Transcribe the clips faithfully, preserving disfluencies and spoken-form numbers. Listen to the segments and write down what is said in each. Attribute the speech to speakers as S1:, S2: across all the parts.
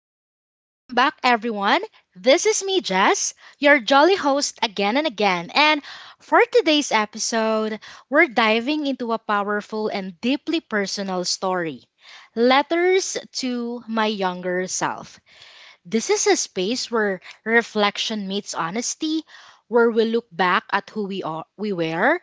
S1: Hi, welcome back everyone. This is me, Jess, your jolly host again and again. And for today's episode, we're diving into a powerful and deeply personal story: Letters to My Younger Self. This is a space where reflection meets honesty, where we look back at who we are, we were, uh,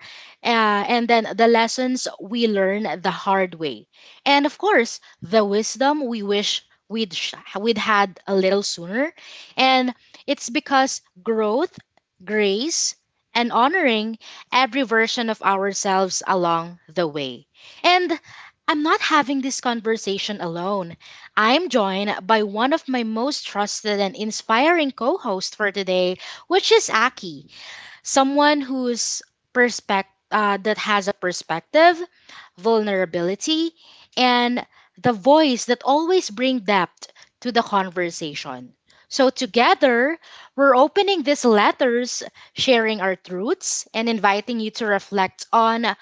S1: and then the lessons we learn the hard way, and of course the wisdom we wish we'd sh- we'd had a little sooner. And it's because growth, grace, and honoring every version of ourselves along the way. And I'm not having this conversation alone. I'm joined by one of my most trusted and inspiring co hosts for today, which is Aki, someone whose perspect uh, that has a perspective, vulnerability, and the voice that always bring depth to the conversation. So together, we're opening these letters, sharing our truths, and inviting you to reflect on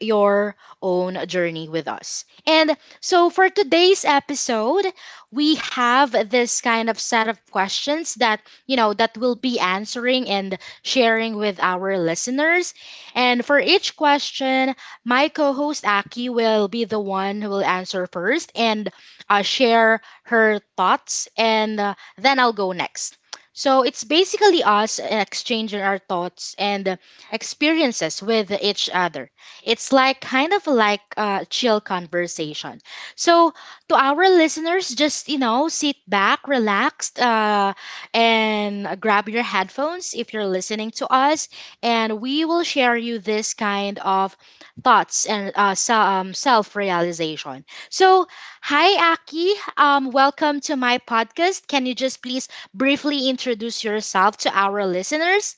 S1: your own journey with us. And so for today's episode, we have this kind of set of questions that, you know, that we'll be answering and sharing with our listeners. And for each question, my co-host Aki will be the one who will answer first and uh, share her thoughts and uh, then I'll go next. So it's basically us exchanging our thoughts and experiences with each other. It's like kind of like a chill conversation. So to our listeners, just you know, sit back, relaxed, uh, and grab your headphones if you're listening to us, and we will share you this kind of thoughts and uh, so, um, self-realization. So, hi Aki, um, welcome to my podcast. Can you just please briefly introduce yourself to our listeners?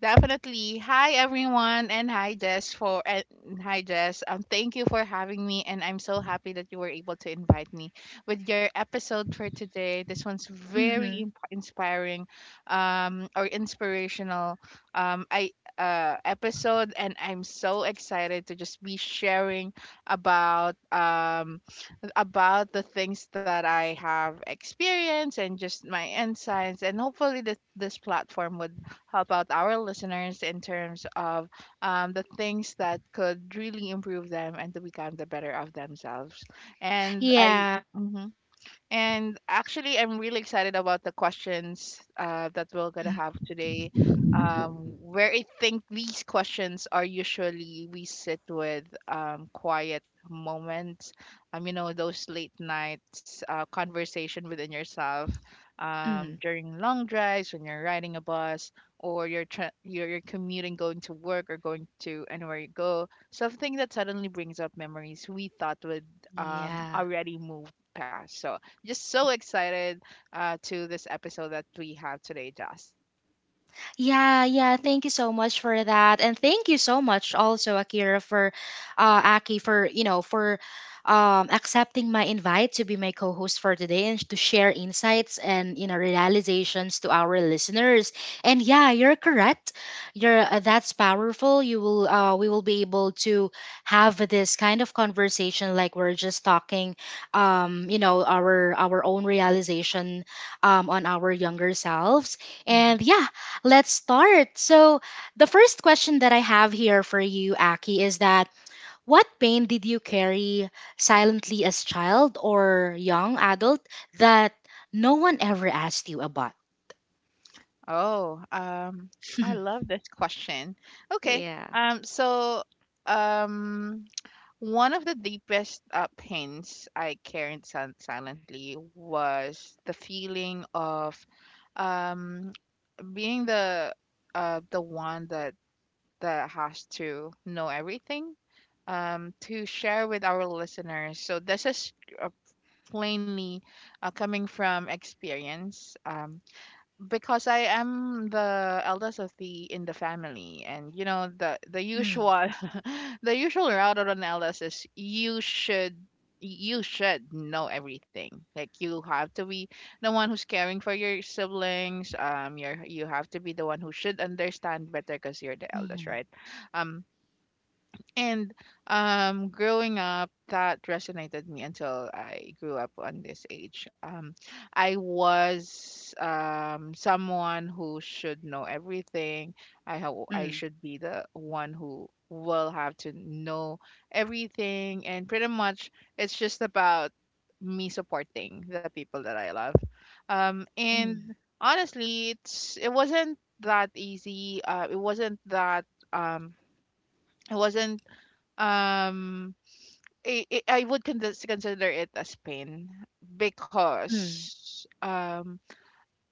S2: Definitely. Hi everyone and hi Jess for and hi Jess. Um thank you for having me and I'm so happy that you were able to invite me with your episode for today. This one's very
S1: Mm-hmm.
S2: imp- inspiring um or inspirational um I uh episode and I'm so excited to just be sharing about um about the things that I have experienced and just my insights and hopefully that this platform would about our listeners in terms of um, the things that could really improve them and to become the better of themselves. And I.
S1: Yeah.
S2: mm-hmm. And actually, I'm really excited about the questions uh, that we're gonna have today. Um, where I think these questions are usually we sit with um, quiet moments. Um, you know those late nights uh, conversation within yourself um,
S1: Mm.
S2: during long drives when you're riding a bus or you're, tra- you're you're commuting going to work or going to anywhere you go. Something that suddenly brings up memories we thought would um,
S1: Yeah.
S2: already moved past. So just so excited uh, to this episode that we have today, Joss.
S1: Yeah, yeah. Thank you so much for that, and thank you so much also, Akira, for uh, Aki, for you know, for um, accepting my invite to be my co-host for today and to share insights and you know realizations to our listeners. And yeah, you're correct. You're uh, that's powerful. You will, uh, we will be able to have this kind of conversation, like we're just talking, um, you know, our our own realization, um, on our younger selves.
S2: Mhm.
S1: And yeah, let's start. So, the first question that I have here for you, Aki, is that what pain did you carry silently as child or young adult that no one ever asked you about?
S2: Oh, um, I love this question. Okay,
S1: Yeah.
S2: um, so um, one of the deepest uh, pains I carried sil- silently was the feeling of um, being the uh, the one that that has to know everything um, to share with our listeners. So this is uh, plainly uh, coming from experience um, because I am the eldest of the in the family and you know the the
S1: Mm,
S2: usual the usual route of an eldest is you should you should know everything, like you have to be the one who's caring for your siblings. Um you're you have to be the one who should understand better because you're the eldest,
S1: mm,
S2: right? um and um, growing up, that resonated me until I grew up on this age. Um, I was um, someone who should know everything. I ho- I
S1: mm,
S2: should be the one who will have to know everything, and pretty much it's just about me supporting the people that I love. Um, and
S1: mm,
S2: honestly, it's it wasn't that easy. Uh, it wasn't that um, it wasn't um, I I I would condes- consider it as pain
S1: mm,
S2: because um,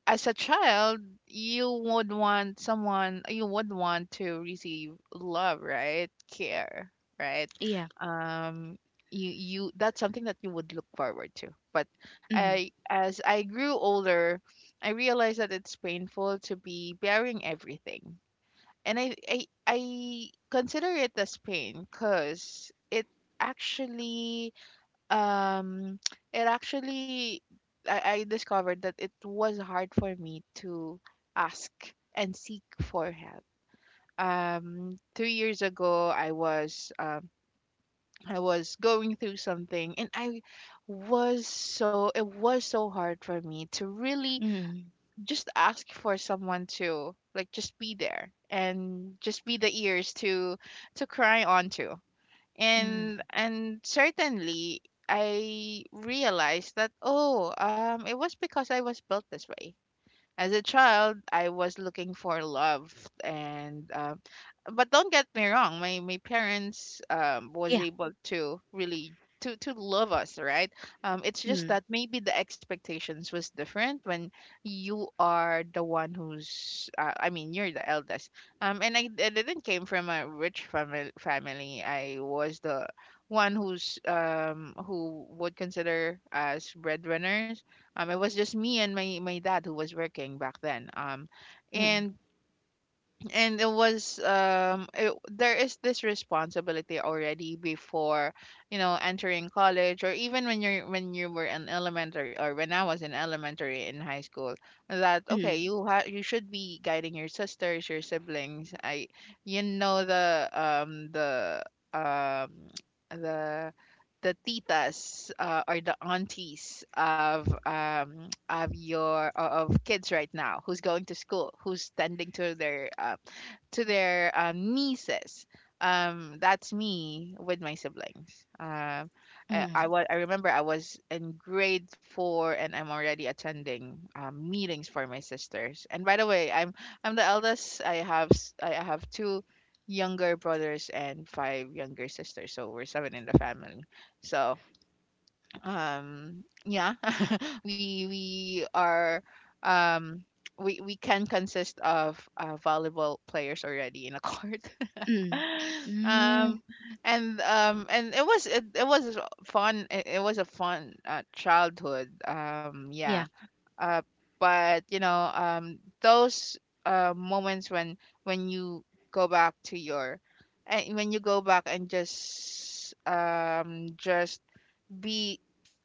S2: as a child, you would want someone, you would want to receive love, right? Care, right?
S1: yeah,
S2: Um, you you that's something that you would look forward to. But
S1: mm,
S2: I, as I grew older, I realized that it's painful to be bearing everything. And I I I consider it as pain because it actually um it actually I, I discovered that it was hard for me to ask and seek for help. Um, three years ago, I was um, I was going through something, and I was so it was so hard for me to really
S1: mm,
S2: just ask for someone to like just be there and just be the ears to to cry onto. and
S1: mm,
S2: and certainly I realized that, oh, um it was because I was built this way. As a child, I was looking for love, and uh, but don't get me wrong, my my parents um, was
S1: yeah,
S2: able to really to to love us, right? Um, it's just that
S1: mm,
S2: maybe the expectations was different when you are the one who's, uh, I mean, you're the eldest. Um, and I, I didn't came from a rich family. Family, I was the one who's um who would consider as breadwinners. Um, it was just me and my my dad who was working back then. Um,
S1: mm,
S2: and and it was um it, there is this responsibility already before you know entering college or even when you're when you were in elementary, or when I was in elementary in high school, that okay
S1: mm,
S2: you ha- you should be guiding your sisters, your siblings. I You know the um the um the the titas, uh, or the aunties of um of your o- of kids right now who's going to school, who's tending to their uh, to their um, nieces. Um, that's me with my siblings. Um, I, I
S1: mm,
S2: was I remember I was in grade four and I'm already attending um, meetings for my sisters. And by the way, I'm I'm the eldest. I have s- I I have two younger brothers and five younger sisters, so we're seven in the family. So um yeah, we we are um we we can consist of uh, volleyball players already in a court.
S1: mm, mm,
S2: um and um and it was it, it was fun. It, it was a fun uh, childhood. Um yeah,
S1: yeah,
S2: uh, but you know, um, those uh, moments when when you go back to your, and when you go back and just um just be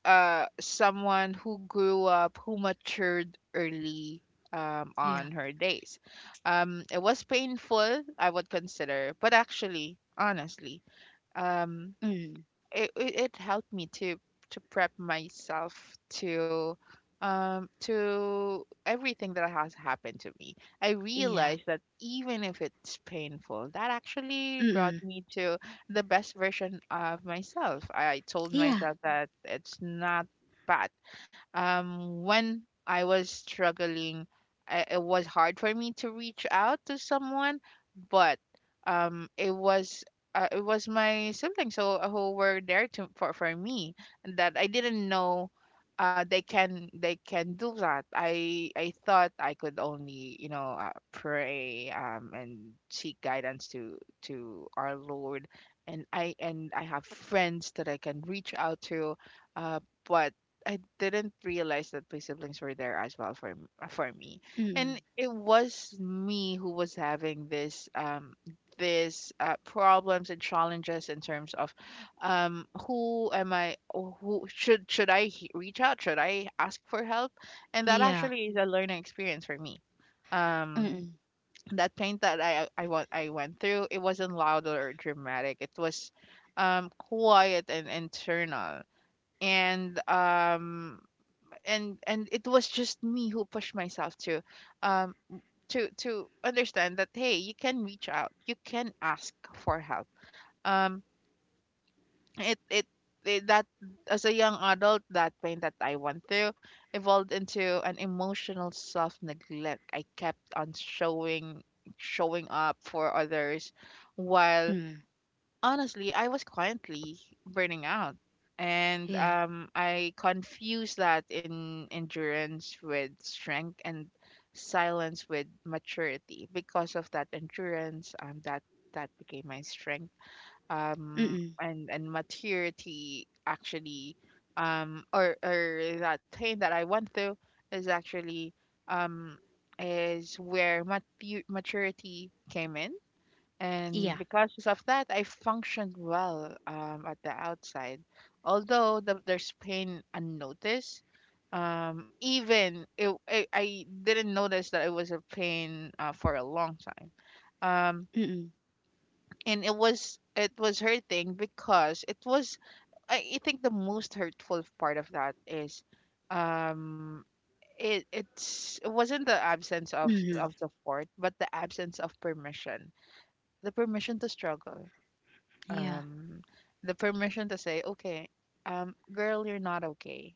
S2: uh someone who grew up, who matured early um on
S1: yeah,
S2: her days. Um it was painful, I would consider, but actually honestly um
S1: mm,
S2: it, it it helped me to to prep myself to um to everything that has happened to me. I
S1: yeah,
S2: realized that even if it's painful, that actually brought
S1: mm,
S2: me to the best version of myself. I told
S1: yeah,
S2: myself that it's not bad. Um, when I was struggling, I, it was hard for me to reach out to someone, but um, it was uh, it was my siblings who, who were there to for for me, and that I didn't know. Uh, they can they can do that. I I thought I could only, you know, uh, pray um and seek guidance to to our Lord, and I and I have friends that I can reach out to, uh, but I didn't realize that my siblings were there as well for m- uh, for me, and
S1: mm,
S2: it was me who was having this um this uh, problems and challenges in terms of um who am I or who should should I he- reach out, should I ask for help, and that
S1: yeah,
S2: actually is a learning experience for me. Um,
S1: mm,
S2: that pain that I I went I went through, it wasn't loud or dramatic. It was um quiet and internal, and um and and it was just me who pushed myself to um to to understand that, hey, you can reach out, you can ask for help. Um it it, it that As a young adult, that pain that I went through evolved into an emotional self neglect. I kept on showing showing up for others while
S1: mm,
S2: honestly, I was quietly burning out. And
S1: yeah,
S2: um, I confused that in endurance with strength and silence with maturity. Because of that endurance, um, that that became my strength. Um,
S1: mm,
S2: and and maturity actually, um, or or that pain that I went through is actually um is where mat- maturity came in, and
S1: yeah,
S2: because of that, I functioned well um, at the outside. Although the, there's pain unnoticed, um, even it, I, I didn't notice that it was a pain uh, for a long time. Um,
S1: mm,
S2: and it was it was hurting because it was I, I think the most hurtful part of that is um it it's it wasn't the absence of
S1: mhm,
S2: of support but the absence of permission, the permission to struggle,
S1: yeah.
S2: um the permission to say, okay, um girl, you're not okay,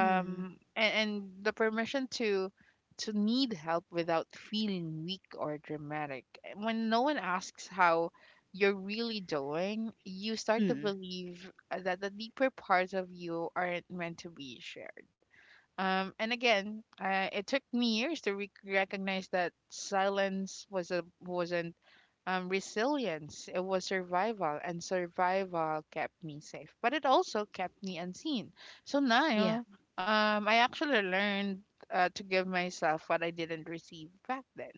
S1: Mm.
S2: and, and the permission to to need help without feeling weak or dramatic. And when no one asks how you're really doing, you start to
S1: Mm,
S2: believe uh, that the deeper parts of you aren't meant to be shared. Um, and again, uh, it took me years to re- recognize that silence was a, wasn't um, resilience, it was survival, and survival kept me safe, but it also kept me unseen. So
S1: yeah.
S2: now, um, I actually learned uh, to give myself what I didn't receive back then,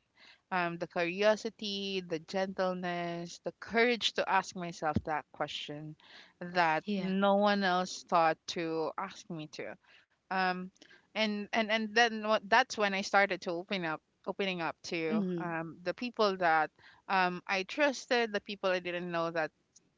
S2: um, the curiosity, the gentleness, the courage to ask myself that question that
S1: Yeah.
S2: no one else thought to ask me to. Um, and and and then what, that's when I started to open up opening up to
S1: Mhm,
S2: um, the people that um, I trusted, the people I didn't know that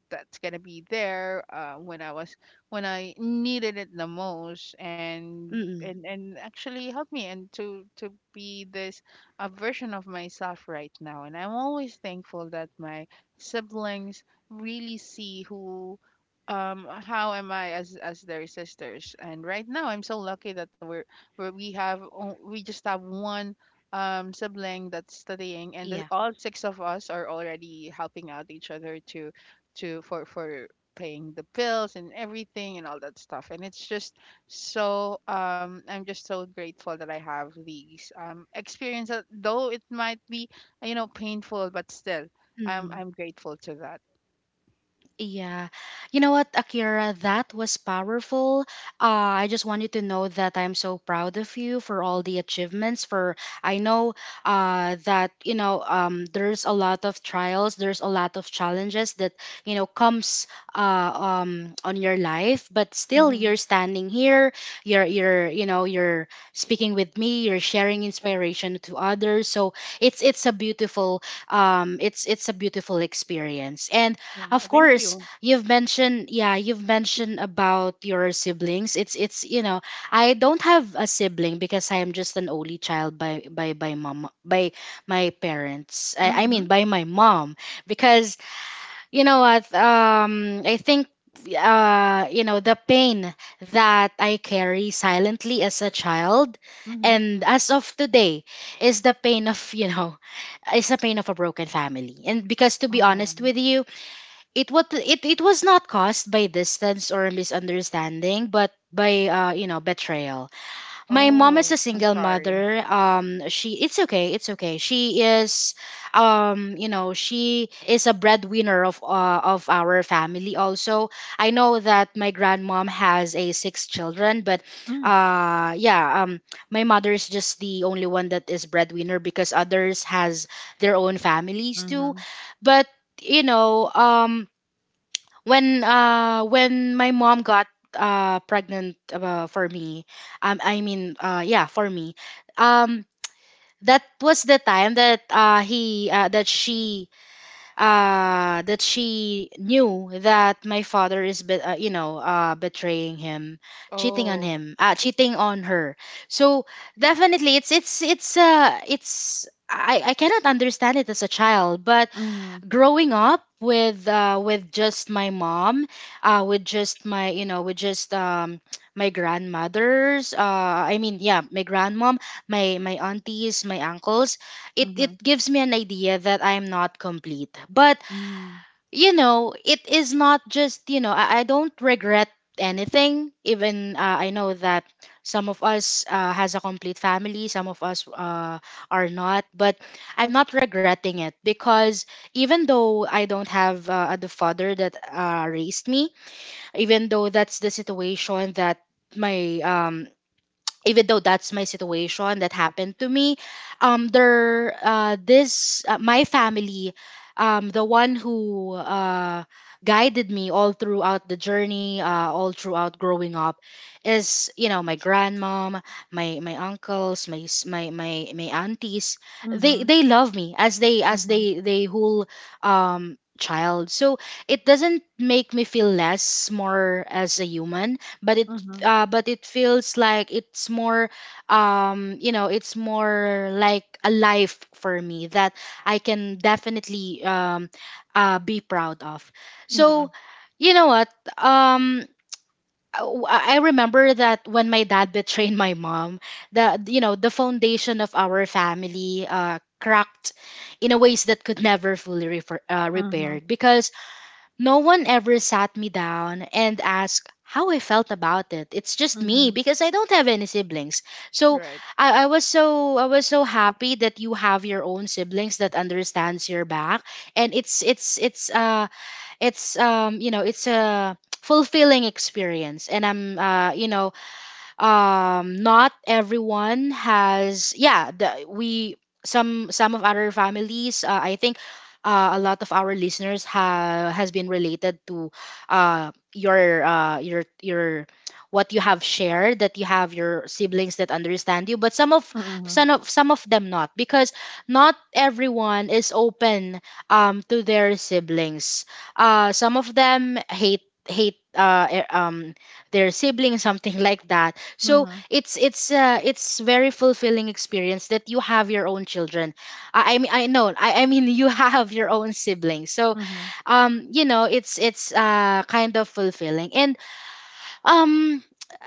S2: that's gonna be there uh, when I was when I needed it the most, and
S1: mm,
S2: and and actually helped me and to to be this a version of myself right now. And I'm always thankful that my siblings really see who um how am I as as their sisters, and right now I'm so lucky that we're where we have o- we just have one um sibling that's studying, and the,
S1: yeah.
S2: all six of us are already helping out each other to to for for paying the bills and everything and all that stuff. And it's just so um I'm just so grateful that I have these um experience that though it might be uh, you know, painful, but still i'm
S1: Mhm.
S2: i'm grateful to that.
S1: Yeah. You know what, Akira, that was powerful. Uh, I just want you to know that I'm so proud of you for all the achievements, for I know uh that you know um there's a lot of trials, there's a lot of challenges that you know comes uh um on your life, but still
S2: Mm-hmm.
S1: you're standing here, you're you're you know you're speaking with me, you're sharing inspiration to others. So it's it's a beautiful, um it's it's a beautiful experience. And
S2: Wow,
S1: of
S2: thank
S1: course,
S2: you.
S1: you've mentioned yeah, you've mentioned about your siblings. It's it's you know, I don't have a sibling because I am just an only child by by by mom by my parents. I, I mean
S2: Mm-hmm.
S1: by my mom, because you know what, um I think uh you know the pain that I carry silently as a child
S2: Mm-hmm.
S1: and as of today is the pain of you know is the pain of a broken family. And because to be
S2: Oh,
S1: honest with you, it what it it was not caused by distance or misunderstanding but by uh you know betrayal. My mom
S2: oh,
S1: is a
S2: I'm
S1: single
S2: sorry.
S1: mother. Um she It's okay, it's okay. She is um you know she is a breadwinner of uh, of our family also. I know that my grandmom has a six children, but
S2: Mm.
S1: uh yeah, um my mother is just the only one that is breadwinner because others has their own families too.
S2: Mm-hmm.
S1: But you know um when uh when my mom got uh pregnant, uh, for me, um I mean, uh yeah, for me, um that was the time that uh he uh, that she uh that she knew that my father is be- uh, you know uh betraying him, cheating on
S2: Oh.
S1: him, uh cheating on her. So definitely, it's it's it's uh it's I, I cannot understand it as a child. But
S2: Mhm,
S1: growing up with uh, with just my mom, uh, with just my you know with just um, my grandmothers. Uh, I mean, yeah, my grandmom, my my aunties, my uncles, It
S2: mhm,
S1: it gives me an idea that I'm not complete. But
S2: mhm,
S1: you know, it is not just, you know, I, I don't regret anything. Even uh, I know that some of us uh, has a complete family, some of us uh, are not. But I'm not regretting it, because even though I don't have uh, the father that uh, raised me, even though that's the situation that my um even though that's my situation that happened to me, um there uh this uh, my family, um the one who uh guided me all throughout the journey, uh all throughout growing up, is you know my grandmom, my my uncles, my s- my my, my aunties. they
S2: mhm,
S1: they love me as they as
S2: mhm,
S1: they they whole um child, so it doesn't make me feel less more as a human. But it
S2: mhm,
S1: uh, but it feels like it's more, um you know it's more like a life for me that I can definitely um uh be proud of.
S2: mhm,
S1: So you know what, um I I remember that when my dad betrayed my mom, the you know the foundation of our family uh, cracked in a ways that could never fully refer, uh,
S2: mhm,
S1: repaired, because no one ever sat me down and asked how I felt about it. It's just me
S2: mhm.
S1: because I don't have any siblings. So
S2: Right.
S1: I, I was so I was so happy that you have your own siblings that understands your back. And it's it's it's uh it's um you know it's a fulfilling experience. And I'm uh you know um not everyone has, yeah, the, we, some some of our families, uh, I think, uh, a lot of our listeners ha- has been related to, uh, your, uh, your your what you have shared, that you have your siblings that understand you. But some of
S2: Mm-hmm.
S1: some of some of them not, because not everyone is open um, to their siblings. Uh, some of them hate hate uh, e- um, their siblings, something like that. So it's it's uh, it's very fulfilling experience that you have your own children. I, I mean, I know, I, I mean, you have your own siblings. So
S2: Mhm,
S1: um you know it's it's uh kind of fulfilling. And um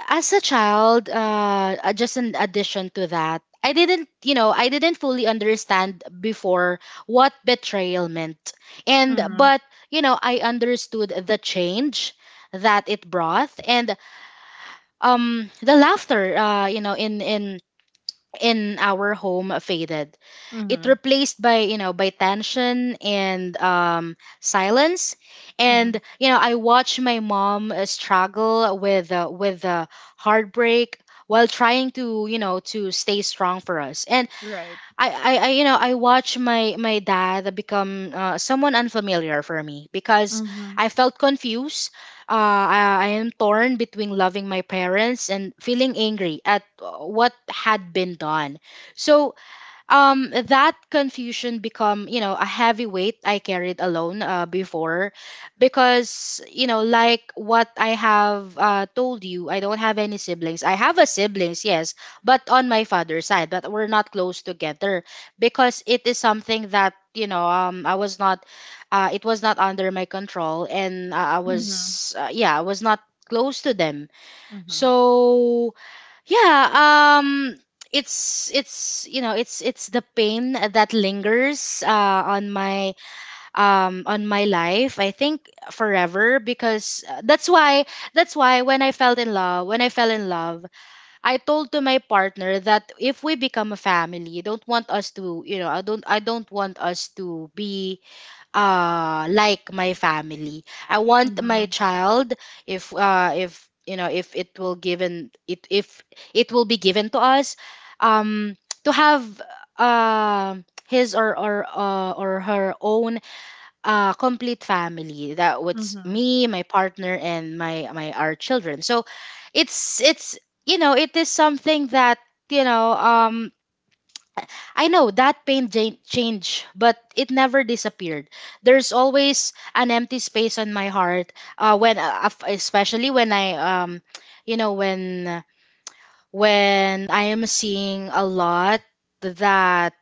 S1: as a child, uh uh, just an addition to that, I didn't you know I didn't fully understand before what betrayal meant. And
S2: mhm,
S1: but you know I understood the change that it brought. And um the laughter uh you know in in in our home faded, it
S2: mhm,
S1: replaced by you know by tension and um silence.
S2: mhm.
S1: And you know I watched my mom uh, struggle with uh, with uh, heartbreak while trying to you know to stay strong for us.
S2: Right.
S1: I, I, I you know I watch my my dad become uh, someone unfamiliar for me, because
S2: Mhm,
S1: I felt confused. Uh, I, I am torn between loving my parents and feeling angry at uh, what had been done. So um that confusion become you know a heavy weight I carried alone, uh, before. Because you know like what I have uh, told you, I don't have any siblings. I have a siblings, yes, but on my father's side, but we're not close together, because it is something that you know um I was not uh, it was not under my control. And uh, I
S2: mhm,
S1: was, uh, yeah, I was not close to them.
S2: mhm,
S1: So yeah, um it's it's you know it's it's the pain that lingers, uh, on my um on my life, I think forever. Because uh, that's why, that's why, when I fell in love when I fell in love I told to my partner that if we become a family, don't want us to, you know I don't I don't want us to be uh like my family. I want my
S2: mhm,
S1: child, if uh if you know if it will given it if it will be given to us, um to have uh, his or or uh, or her own uh complete family, that was
S2: mhm,
S1: me, my partner and my my our children. So it's it's you know it is something that you know um I know that pain ja- changed, but it never disappeared. There's always an empty space on my heart uh, when, uh, af- especially when I, um, you know, when when I am seeing a lot that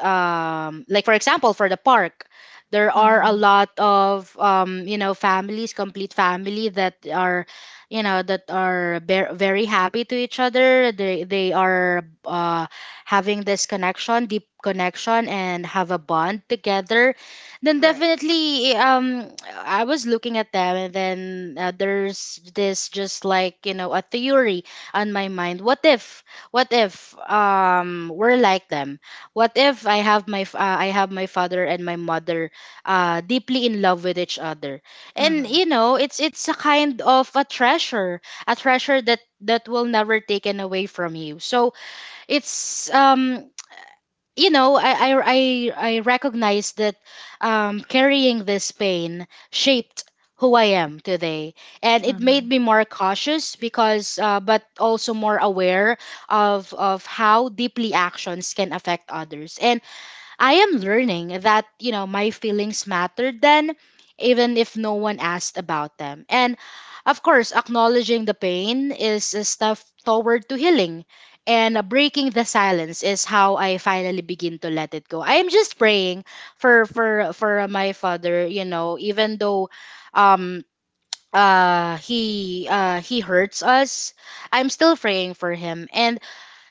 S1: um like for example for the park there are a
S2: mhm.
S1: lot of um you know families complete family that are you know that are ver- very happy to each other, they they are uh having this connection, deep connection, and have a bond together, then
S2: Right.
S1: definitely um I was looking at them. And then uh, there's this just like, you know a theory on my mind. What if, what if um we're like them? What if I have my f- uh, I have my father and my mother uh, deeply in love with each other, and
S2: Mhm,
S1: you know it's it's a kind of a treasure, a treasure that, that will never taken away from you. So it's um you know I I I, I recognize that, um, carrying this pain shaped who I am today, and it made
S2: mhm,
S1: me more cautious, because uh, but also more aware of of how deeply actions can affect others. And I am learning that, you know, my feelings mattered then, even if no one asked about them. And of course, acknowledging the pain is a step toward to healing. And uh, breaking the silence is how I finally begin to let it go. I am just praying for for for my father, you know, even though um uh he uh he hurts us, I'm still praying for him. And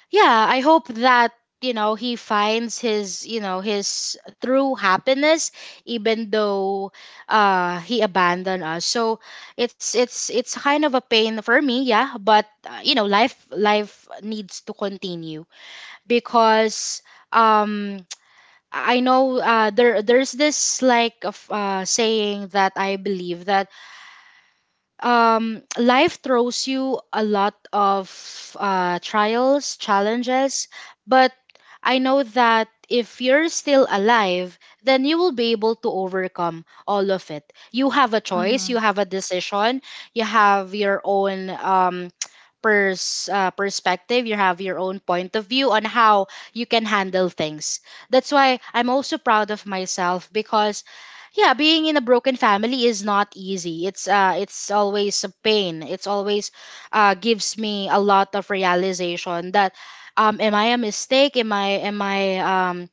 S1: yeah, I hope that, you know, he finds his, you know, his true happiness, even though uh he abandoned us. So it's it's it's kind of a pain for me, yeah, but uh, you know, life life needs to continue because um I know, uh there there's this like of uh saying that I believe that, um, life throws you a lot of uh, trials, challenges, but I know that if you're still alive, then you will be able to overcome all of it. You have a choice,
S2: mhm,
S1: you have a decision, you have your own um, pers- uh, perspective, you have your own point of view on how you can handle things. That's why I'm also proud of myself, because yeah, being in a broken family is not easy. It's uh it's always a pain, it's always uh gives me a lot of realization that um am I a mistake? Am i am i um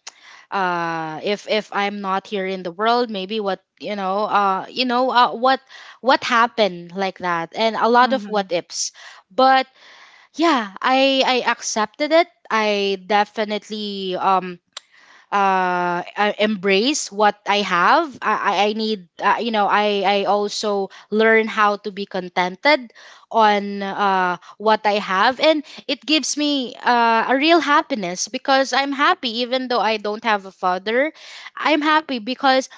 S1: uh if if I'm not here in the world, maybe what, you know uh you know uh, what what happened, like that, and a lot of
S2: mhm,
S1: what ifs. But yeah, i i accepted it. I definitely um uh, uh, embrace what I have. I, I I need, uh, you know, I, I also learn how to be contented on uh, what I have. And it gives me uh, a real happiness, because I'm happy even though I don't have a father. I'm happy because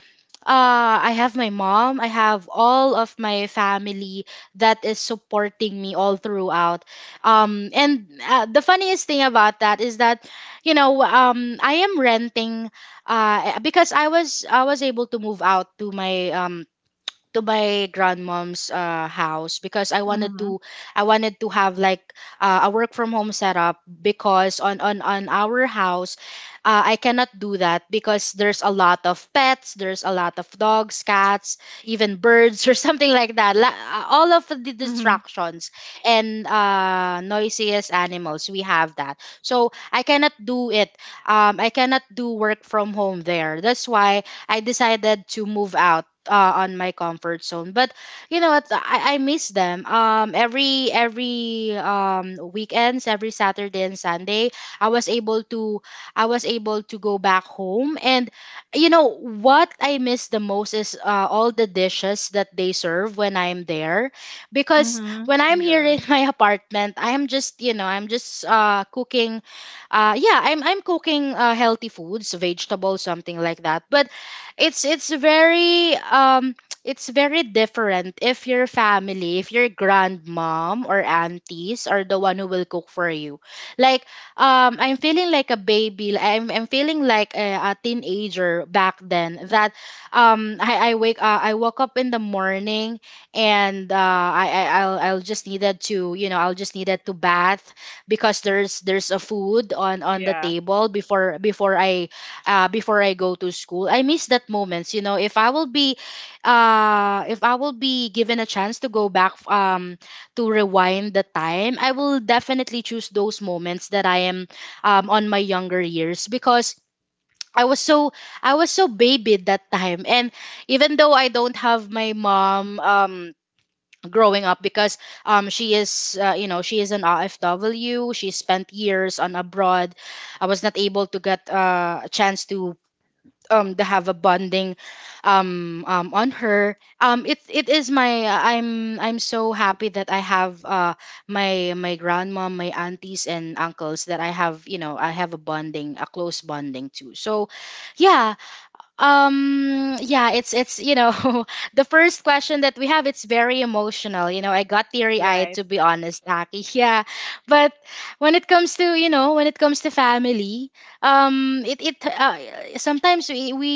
S1: uh, I have my mom, I have all of my family that is supporting me all throughout. Um, and uh, The funniest thing about that is that, you know, um, I am renting, uh, because I was I was able to move out to my um to my grandmom's uh, house because I wanted to,
S2: mhm,
S1: I wanted to have like uh, a work from home setup, because on on on our house uh, I cannot do that, because there's a lot of pets, there's a lot of dogs, cats, even birds or something like that. La- uh, all of the
S2: mhm,
S1: distractions and uh, noisiest animals we have that. So I cannot do it. Um, I cannot do work from home there. That's why I decided to move out uh, on my comfort zone. But you know what, I, I miss them. um every every um weekends, every Saturday and Sunday, i was able to I was able to go back home. And you know what I miss the most is uh, all the dishes that they serve when I'm there. Because
S2: mhm.
S1: when I'm here
S2: Yeah.
S1: in my apartment, I'm just, you know, I'm just uh cooking, uh yeah i'm i'm cooking uh, healthy foods, vegetables, something like that. But it's it's very um it's very different if your family, if your grandmom or aunties are the one who will cook for you. Like, um I'm feeling like a baby, like, i'm, I'm feeling like a, a teenager back then, that um i i wake uh, I woke up in the morning, and uh i, I i'll I'll just needed to, you know, I'll just needed to bath, because there's there's a food on on the
S2: Yeah.
S1: table before, before i uh, before I go to school. I miss that moments. You know, if I will be, uh, if I will be given a chance to go back, um, to rewind the time, I will definitely choose those moments that I am, um, on my younger years because. I was so, I was so babied that time. And even though I don't have my mom um, growing up, because um, she is uh, you know she is an R F W. She spent years on abroad. I was not able to get uh, a chance to um to have a bonding um um on her. Um it it is my, i'm I'm so happy that I have uh my, my grandma, my aunties and uncles, that I have, you know, I have a bonding, a close bonding too. So yeah. Um yeah, it's it's you know, the first question that we have, it's very emotional. You know, I got teary-eyed
S2: Right.
S1: to be honest, Aki. Yeah. But when it comes to, you know, when it comes to family, um it it uh, sometimes we we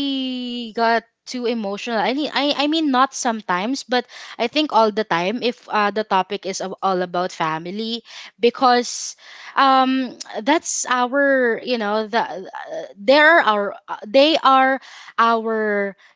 S1: got too emotional. I mean, I I mean not sometimes, but I think all the time, if uh, the topic is ab- all about family. Because um that's our, you know, the uh, there are our uh, they are our,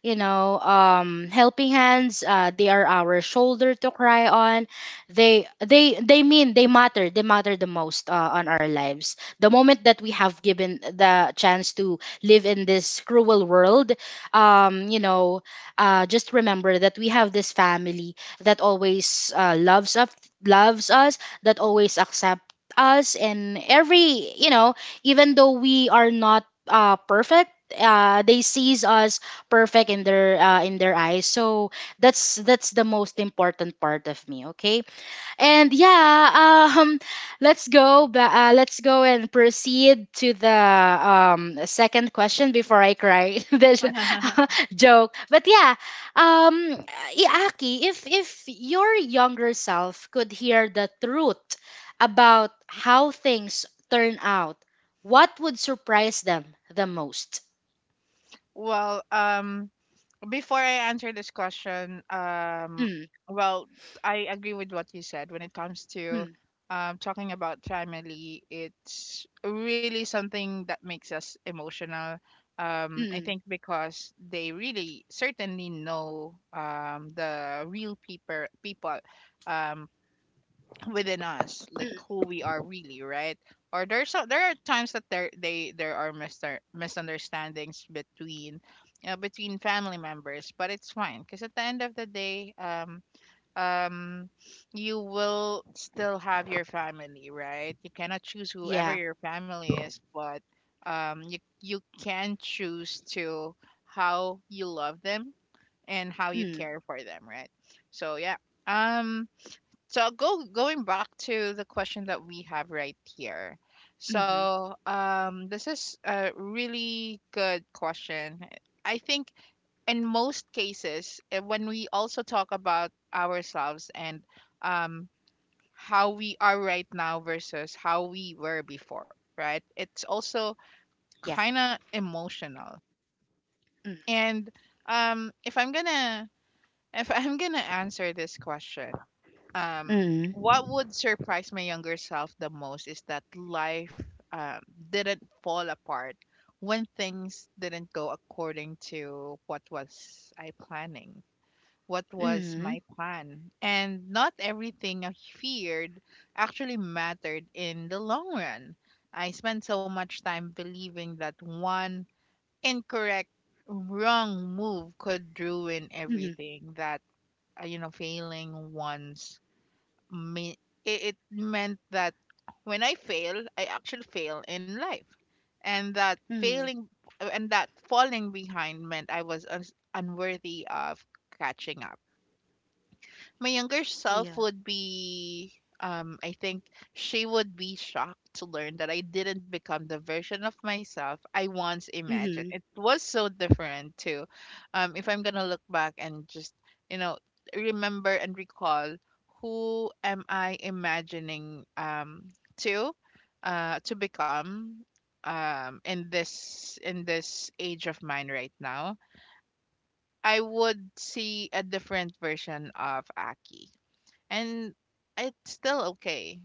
S1: you know, um helping hands. Uh, they are our shoulder to cry on. They they they mean they matter, they matter the most uh, on our lives. The moment that we have given the chance to live in this cruel world, um you know, uh just remember that we have this family that always uh, loves us, loves us, that always accept us. And every, you know, even though we are not uh, perfect, uh they sees us perfect in their uh, in their eyes. So that's that's the most important part of me. Okay, and yeah, um let's go ba- uh, let's go and proceed to the um second question before I cry. That's a joke, but yeah. um i- Aki, if if your younger self could hear the truth about how things turn out, what would surprise them the most?
S2: Well, um, Before I answer this question, um,
S1: Hmm.
S2: well, I agree with what you said when it comes to
S1: Mm,
S2: um, talking about family. It's really something that makes us emotional. Um, I
S1: mm,
S2: think because they really certainly know um, the real people people um, within us, like who we are, really, right? Or there's so there are times that there they there are mister misunderstandings between, you know, between family members, but it's fine because at the end of the day, um um you will still have your family, right? You cannot choose whoever
S1: yeah.
S2: your family is, but um you, you can choose to how you love them and how you
S1: Mm,
S2: care for them, right? So yeah, um so go going back to the question that we have right here.
S1: mhm,
S2: So um, this is a really good question. I think in most cases, eh, when we also talk about ourselves and, um, how we are right now versus how we were before, right? It's also
S1: yeah.
S2: kind of emotional.
S1: Mm,
S2: And um, if I'm gonna if I'm gonna answer this question, um what
S1: mm,
S2: would surprise my younger self the most is that life, um, didn't fall apart when things didn't go according to what was I planning, what was
S1: mhm,
S2: my plan, and not everything I feared actually mattered in the long run. I spent so much time believing that one incorrect wrong move could ruin
S1: mhm,
S2: everything, that uh, you know, failing once, me- i- it meant that when I fail, I actually fail in life, and that
S1: mm,
S2: failing and that falling behind meant I was uns unworthy of catching up. My younger self
S1: yeah.
S2: would be, um I think she would be shocked to learn that I didn't become the version of myself I once imagined.
S1: Mhm,
S2: It was so different too. Um, if I'm going to look back and just, you know, remember and recall who am I imagining um to uh to become um in this in this age of mine right now. I would see a different version of Aki. And it's still okay.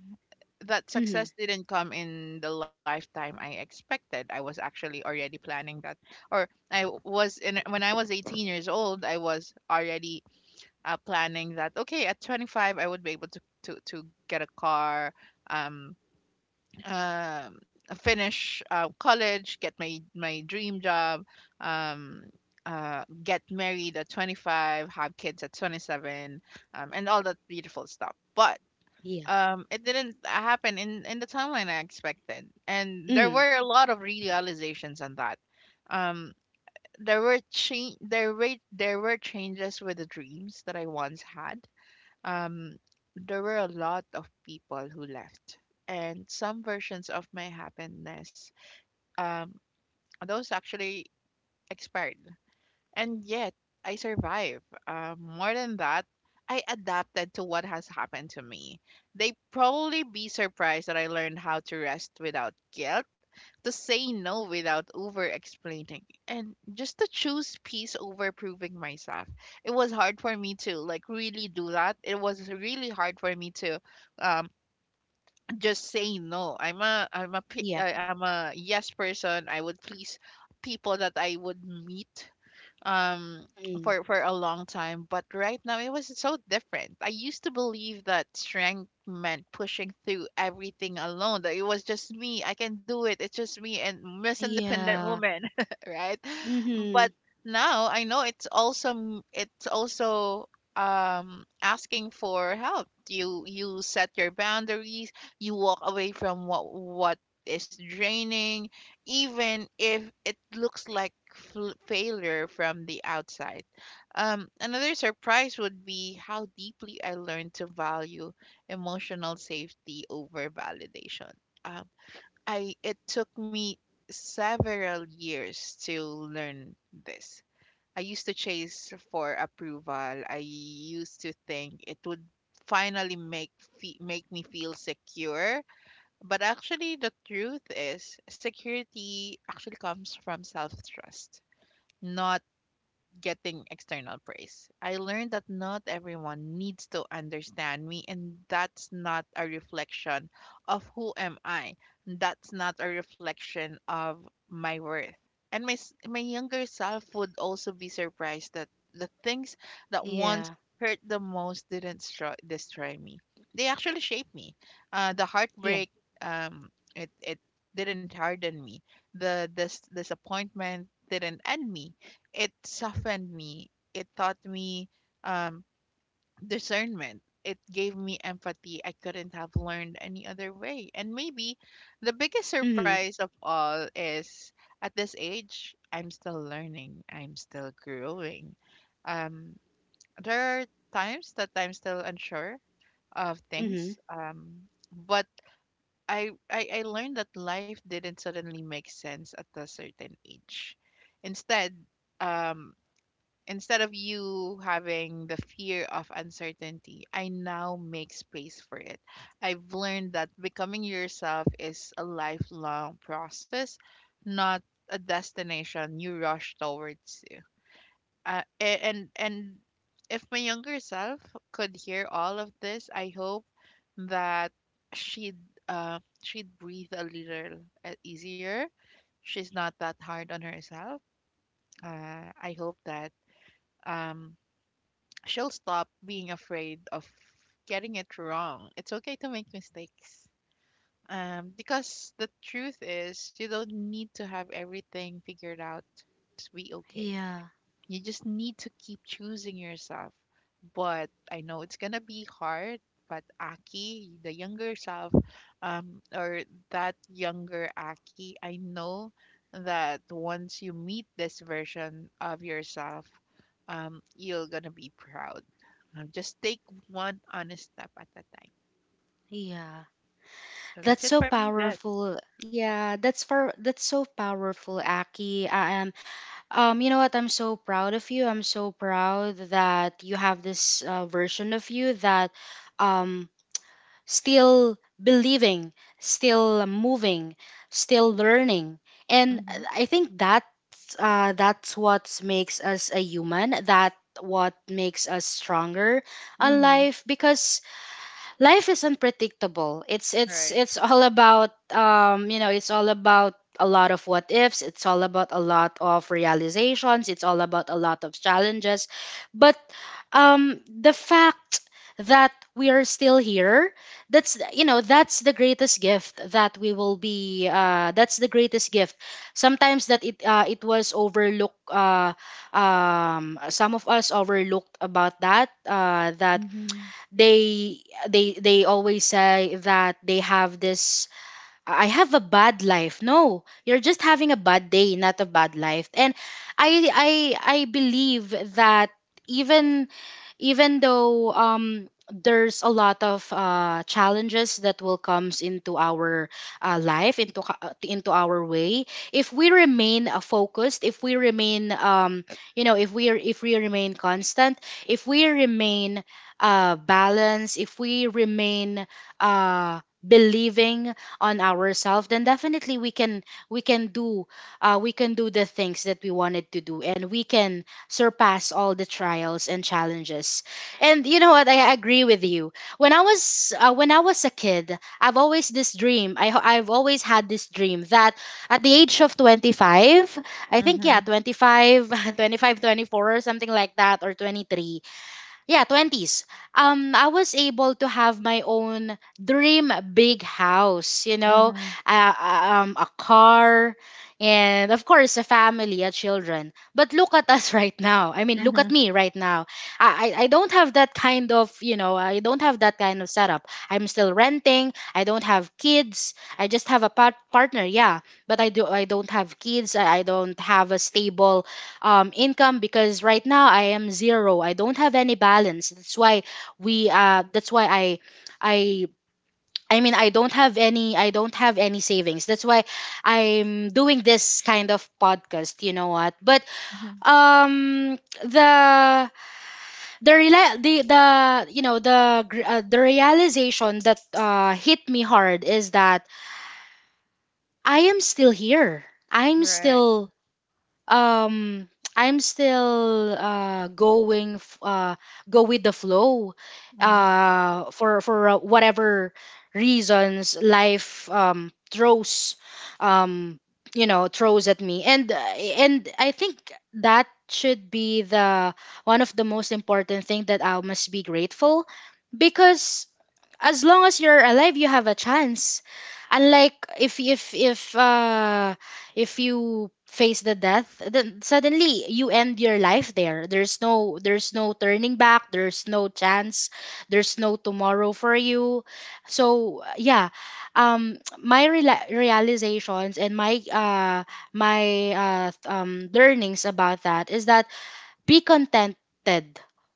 S2: That
S1: mhm,
S2: success didn't come in the lifetime I expected. I was actually already planning that, or I w- was in when I was 18 years old. I was already uh, planning that. Okay, at 25, I would be able to to to get a car, um, um, finish uh, college, get my my dream job, um, uh, get married at 25, have kids at 27, um, and all that beautiful stuff. But
S1: yeah.
S2: um it didn't happen in in the timeline I expected, and there
S1: Mm,
S2: were a lot of realizations on that. um there were change there were there were changes with the dreams that I once had. um there were a lot of people who left, and some versions of my happiness, um those actually expired. And yet, I survive. Uh, more than that, I adapted to what has happened to me. They probably be surprised that I learned how to rest without guilt, to say no without over explaining, and just to choose peace over proving myself. It was hard for me to like really do that. It was really hard for me to um just say no. I'm a I'm a pe-
S1: yeah.
S2: I- I'm a yes person. I would please people that I would meet um
S1: Mm,
S2: for for a long time, but right now it was so different. I used to believe that strength meant pushing through everything alone, that it was just me, I can do it, it's just me and miss independent
S1: yeah.
S2: woman right?
S1: Mhm,
S2: But now I know it's also m- it's also um asking for help. you you set your boundaries, you walk away from what what is draining, even if it looks like fl- failure from the outside. Um, another surprise would be how deeply I learned to value emotional safety over validation. Um, I it took me several years to learn this. I used to chase for approval. I used to think it would finally make fe- make me feel secure, but actually, the truth is security actually comes from self trust, not getting external praise. I learned that not everyone needs to understand me, and that's not a reflection of who am I. That's not a reflection of my worth. And my s- my younger self would also be surprised that the things that once
S1: yeah.
S2: hurt the most didn't stro- destroy me. They actually shaped me. Uh, the
S1: Yeah.
S2: heartbreak, um, it it didn't harden me. The this disappointment didn't end me, it softened me. It taught me, um, discernment. It gave me empathy I couldn't have learned any other way. And maybe the biggest
S1: Mhm,
S2: surprise of all is at this age, I'm still learning, I'm still growing. Um, there are times that I'm still unsure of
S1: mhm,
S2: things, um, but I, I, I learned that life didn't suddenly make sense at a certain age. Instead, um, instead of you having the fear of uncertainty, I now make space for it. I've learned that becoming yourself is a lifelong process, not a destination you rush towards. To. Uh, a- and and if my younger self could hear all of this, I hope that she'd uh she'd breathe a little uh, easier. She's not that hard on herself. Uh, I hope that um she'll stop being afraid of getting it wrong. It's okay to make mistakes. Um, because the truth is, you don't need to have everything figured out to be okay.
S1: yeah.
S2: You just need to keep choosing yourself. But I know it's gonna be hard. But Aki, the younger self, um, or that younger Aki, I know that once you meet this version of yourself, um, you're gonna be proud. Um, just take one honest step at a time.
S1: Yeah.
S2: So that's
S1: That's
S2: it
S1: so
S2: for me, Jess.
S1: powerful. Yeah, that's for that's so powerful, Aki. I am, um you know what, I'm so proud of you. I'm so proud that you have this uh, version of you that um still believing, still moving, still learning. And
S2: Mm-hmm.
S1: I think that uh, that's what makes us a human, that what makes us stronger on
S2: Mm-hmm.
S1: life. Because life is unpredictable. It's it's
S2: Right.
S1: it's all about, um you know it's all about a lot of what ifs. It's all about a lot of realizations. It's all about a lot of challenges. But um the fact that we are still here, that's the- you know, that's the greatest gift that we will be uh that's the greatest gift sometimes, that it uh, it was overlooked. Uh um some of us overlooked about that, uh that
S2: Mm-hmm.
S1: they they they always say that they have this, I have a bad life. No, you're just having a bad day, not a bad life. And i i I believe that, even, even though um there's a lot of uh, challenges that will comes into our uh, life into ca- uh, into our way, if we remain uh, focused, if we remain, um you know if we are, if we remain constant, if we remain uh balanced, if we remain uh believing on ourselves, then definitely we can, we can do uh we can do the things that we wanted to do, and we can surpass all the trials and challenges. And you know what? I agree with you. When I was uh, when I was a kid, I've always this dream. I ho- I've always had this dream that at the age of twenty five, I think yeah,
S2: Mm-hmm.
S1: twenty five, twenty five, twenty four, or something like that or twenty three, yeah, twenties. um I was able to have my own dream big house, you know,
S2: Mm-hmm.
S1: uh, um, a car, and of course a family, a children. But look at us right now. I mean, look at
S2: Mm-hmm.
S1: me right now. i i I don't have that kind of, you know, I don't have that kind of setup. I'm still renting. I don't have kids. I just have a part- partner, yeah, but I do, I don't have kids. i I don't have a stable um income because right now I am zero. I don't have any balance. That's why we uh that's why I I I mean, I don't have any, I don't have any savings. That's why I'm doing this kind of podcast, you know what? But um the the rela- the, the you know the gr- uh, the realization that uh hit me hard is that I am still here. I'm
S2: Right.
S1: still um I'm still uh going f- uh go with the flow
S2: Mm-hmm.
S1: uh for for uh, whatever reasons life um throws, um you know throws at me. And uh, and I think that should be the one of the most important thing that I must be grateful, because as long as you're alive you have a chance. Unlike if if if uh if you face the death, then suddenly you end your life. There there's no there's no turning back, there's no chance, there's no tomorrow for you. So yeah, um my rela realizations and my uh my uh um learnings about that is that be contented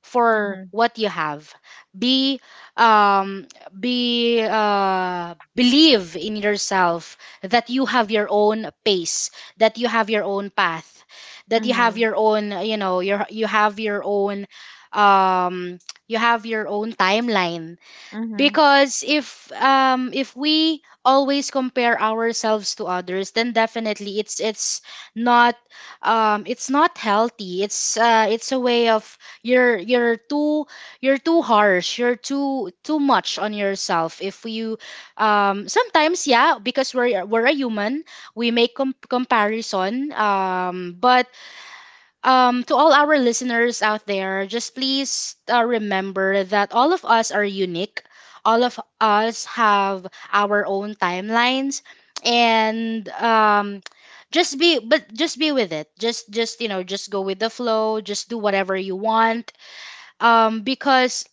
S1: for what you have. Be um be uh believe in yourself, that you have your own pace, that you have your own path, that you have
S2: Mm-hmm.
S1: your own you know your you have your own, um you have your own timeline.
S2: Mhm,
S1: Because if um if we always compare ourselves to others, then definitely it's it's not, um it's not healthy. It's uh it's a way of, you're you're too, you're too harsh, you're too too much on yourself. If you um sometimes, yeah, because we're we're a human, we make com- comparison. Um but um, to all our listeners out there, just please uh, remember that all of us are unique. All of us have our own timelines, and um, just be, but just be with it. Just, just you know, just go with the flow. Just do whatever you want. Um, because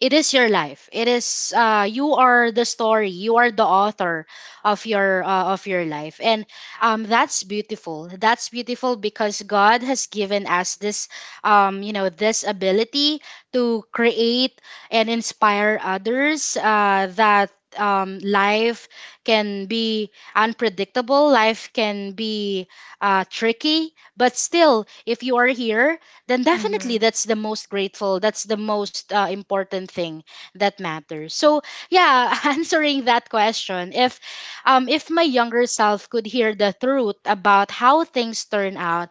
S1: it is your life. It is uh you are the story, you are the author of your uh, of your life. And um that's beautiful. That's beautiful because god has given us this, um you know this ability to create and inspire others. Uh that um, Life can be unpredictable, life can be uh, tricky. But still, if you are here, then definitely
S2: mhm,
S1: that's the most grateful, that's the most uh, important thing that matters. So yeah, answering that question, if um if my younger self could hear the truth about how things turn out,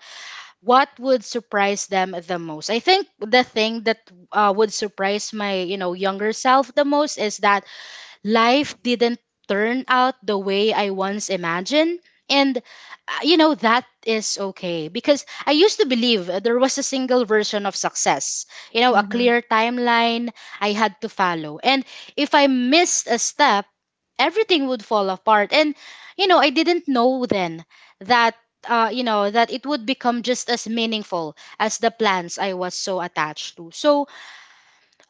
S1: what would surprise them the most? I think the thing that uh, would surprise my, you know, younger self the most is that life didn't turn out the way I once imagined. And, uh, you know, that is okay, because I used to believe uh, there was a single version of success, you know, a
S2: mhm,
S1: clear timeline I had to follow. And if I missed a step, everything would fall apart. And, you know, I didn't know then that. Uh, you know, that it would become just as meaningful as the plans I was so attached to. So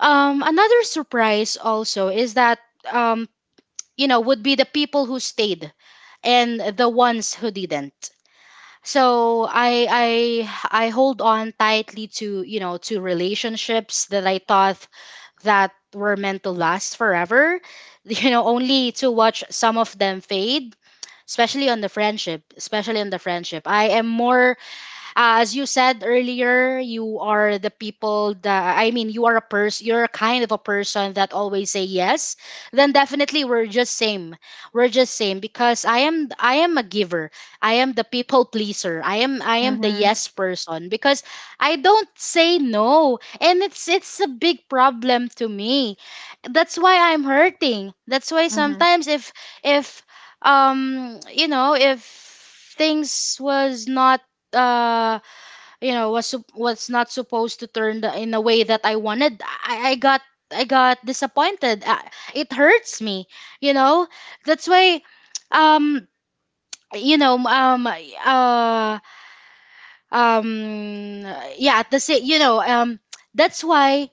S1: um, another surprise also is that, um, you know, would be the people who stayed and the ones who didn't. So I I I hold on tightly to, you know, to relationships that I thought that were meant to last forever, you know, only to watch some of them fade, especially on the friendship, especially on the friendship. I am more, uh, as you said earlier, you are the people that, I mean, you are a person, you're a kind of a person that always say yes. Then definitely we're just same. We're just same because I am I am a giver. I am the people pleaser. I am I am the
S2: mhm,
S1: yes person, because I don't say no, and it's it's a big problem to me. That's why I'm hurting. That's why
S2: mhm,
S1: sometimes, if if um you know if things was not uh you know was sup- was not supposed to turn the, in a way that I wanted, I, I got, I got disappointed. Uh, it hurts me, you know. That's why, um you know um uh um yeah, at the same, you know, um that's why,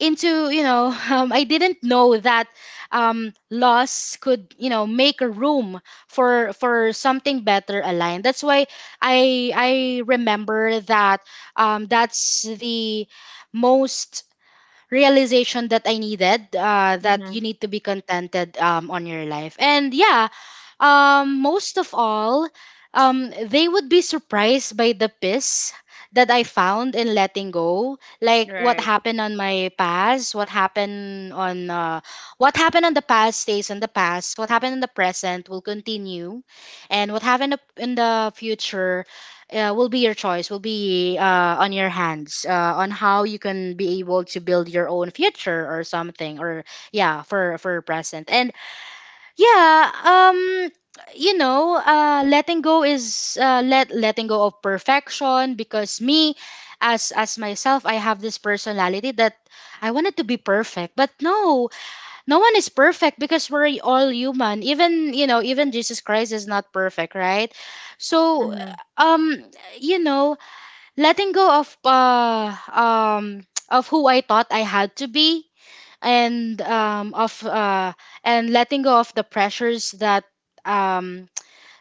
S1: into, you know, um, I didn't know that um loss could, you know, make a room for for something better aligned. That's why i i remember that, um that's the most realization that I needed, uh, that
S2: mhm.
S1: you need to be contented, um, on your life. And yeah, um, most of all, um, they would be surprised by the peace that I found in letting go. Like what
S2: Right.
S1: happened on my past, what happened on, uh, what happened on the past stays in the past. What happened in the present will continue, and what happened up- in the future uh, will be your choice, will be uh, on your hands, uh, on how you can be able to build your own future or something. Or yeah, for for present. And yeah um you know uh letting go is, uh let letting go of perfection. Because me, as as myself, I have this personality that I wanted to be perfect. But no, no one is perfect, because we're all human. Even, you know, even Jesus Christ is not perfect, right? So
S2: Mhm.
S1: um you know letting go of, uh um of who I thought I had to be, and um of uh and letting go of the pressures that, um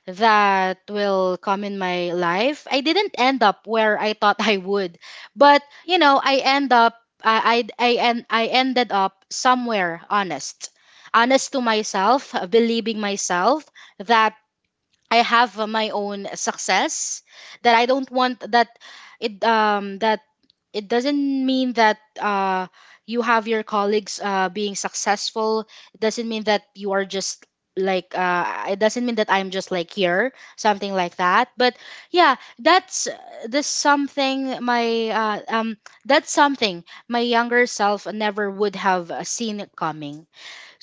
S1: that will come in my life. I didn't end up where I thought I would, but you know, I end up I I I, en- I ended up somewhere honest. Honest to myself, believing myself that I have, uh, my own success, that I don't want, that it um that it doesn't mean that, uh you have your colleagues uh being successful, it doesn't mean that you are just like, uh it doesn't mean that I'm just like here, something like that. But yeah, that's, this something my uh, um that's something my younger self never would have, uh, seen coming.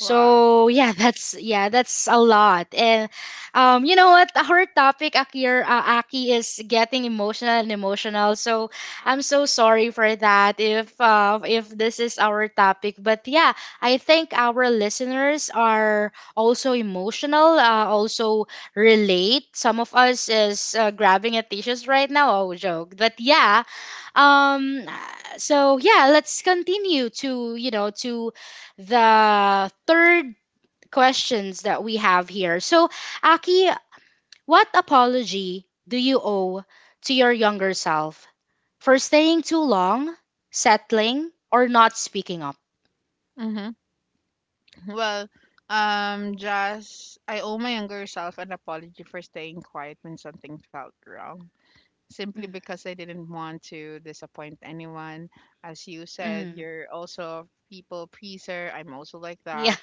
S2: Wow.
S1: yeah, that's, yeah, that's a lot. And um, you know what? Our topic, Akir, uh, Aki, is getting emotional and emotional. So I'm so sorry for that. If uh, if this is our topic, but yeah, I think our listeners are also emotional. Uh, also relate. Some of us is, uh, grabbing at tissues right now. Oh, joke. But yeah, um uh, so yeah, let's continue to, you know, to the third questions that we have here. So Aki, what apology do you owe to your younger self for staying too long, settling, or not speaking up?
S2: Mhm. Well, um, just I owe my younger self an apology for staying quiet when something felt wrong, simply
S1: Mm.
S2: because I didn't want to disappoint anyone. As you said,
S1: Mm.
S2: you're also a people pleaser. I'm also like
S1: Yeah.
S2: that.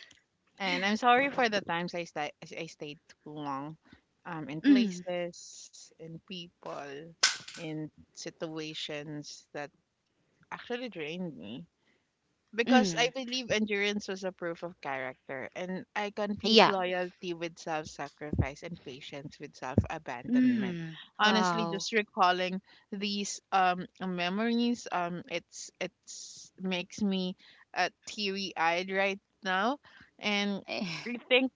S2: And I'm sorry for the times I sta I stayed too long, um, in
S1: Mm.
S2: places, in people, in situations that actually drained me. Because I
S1: Mm.
S2: believe endurance was a proof of character, and I confuse
S1: Yeah.
S2: loyalty with self-sacrifice and patience with self-abandonment.
S1: Mm.
S2: Honestly,
S1: Wow.
S2: just recalling these um memories, um, it's it's makes me uh, teary-eyed right now, and
S1: Eh.
S2: rethink.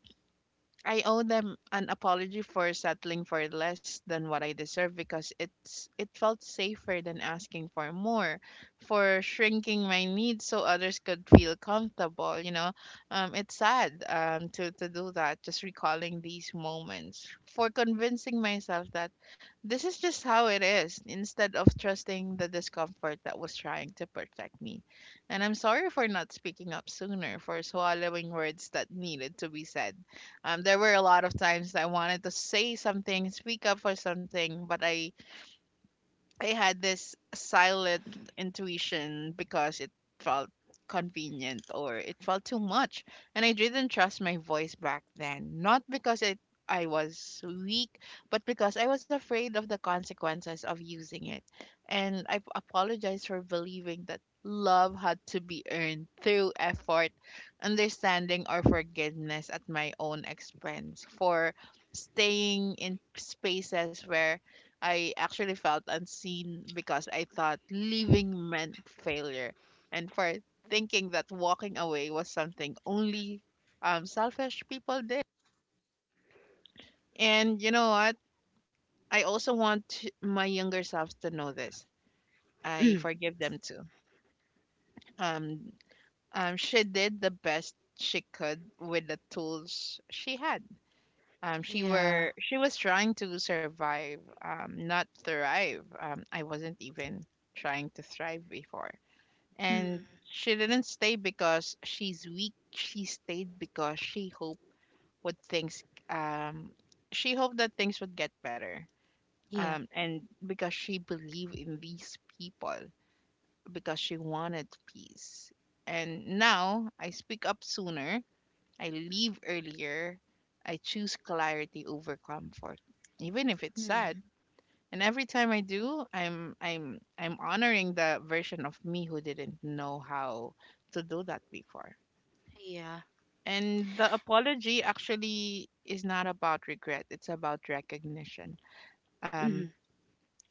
S2: I owe them an apology for settling for less than what I deserve because it's it felt safer than asking for more, for shrinking my needs so others could feel comfortable. You know, um, it's sad um to to do that. Just recalling these moments for convincing myself that this is just how it is, instead of trusting the discomfort that was trying to protect me. And I'm sorry for not speaking up sooner, for swallowing words that needed to be said. um, there were a lot of times I wanted to say something, speak up for something, but I I had this silent intuition because it felt convenient or it felt too much. And I didn't trust my voice back then. Not because it I was weak, but because I was afraid of the consequences of using it. And I apologize for believing that love had to be earned through effort, understanding, or forgiveness at my own expense. For staying in spaces where I actually felt unseen because I thought leaving meant failure, and for thinking that walking away was something only um, selfish people did. And you know what? I also want my younger self to know this. I
S1: Mm.
S2: forgive them too. Um, um, she did the best she could with the tools she had. Um, she
S1: Yeah.
S2: were she was trying to survive, um, not thrive. Um, I wasn't even trying to thrive before.
S1: Mm.
S2: And she didn't stay because she's weak. She stayed because she hoped would things um she hoped that things would get better.
S1: Yeah.
S2: Um, and because she believed in these people, because she wanted peace. And now I speak up sooner, I leave earlier, I choose clarity over comfort. Even if it's
S1: Mm.
S2: sad, and every time I do, I'm I'm I'm honoring the version of me who didn't know how to do that before.
S1: Yeah.
S2: And the apology actually is not about regret, it's about recognition. Um,
S1: Mm.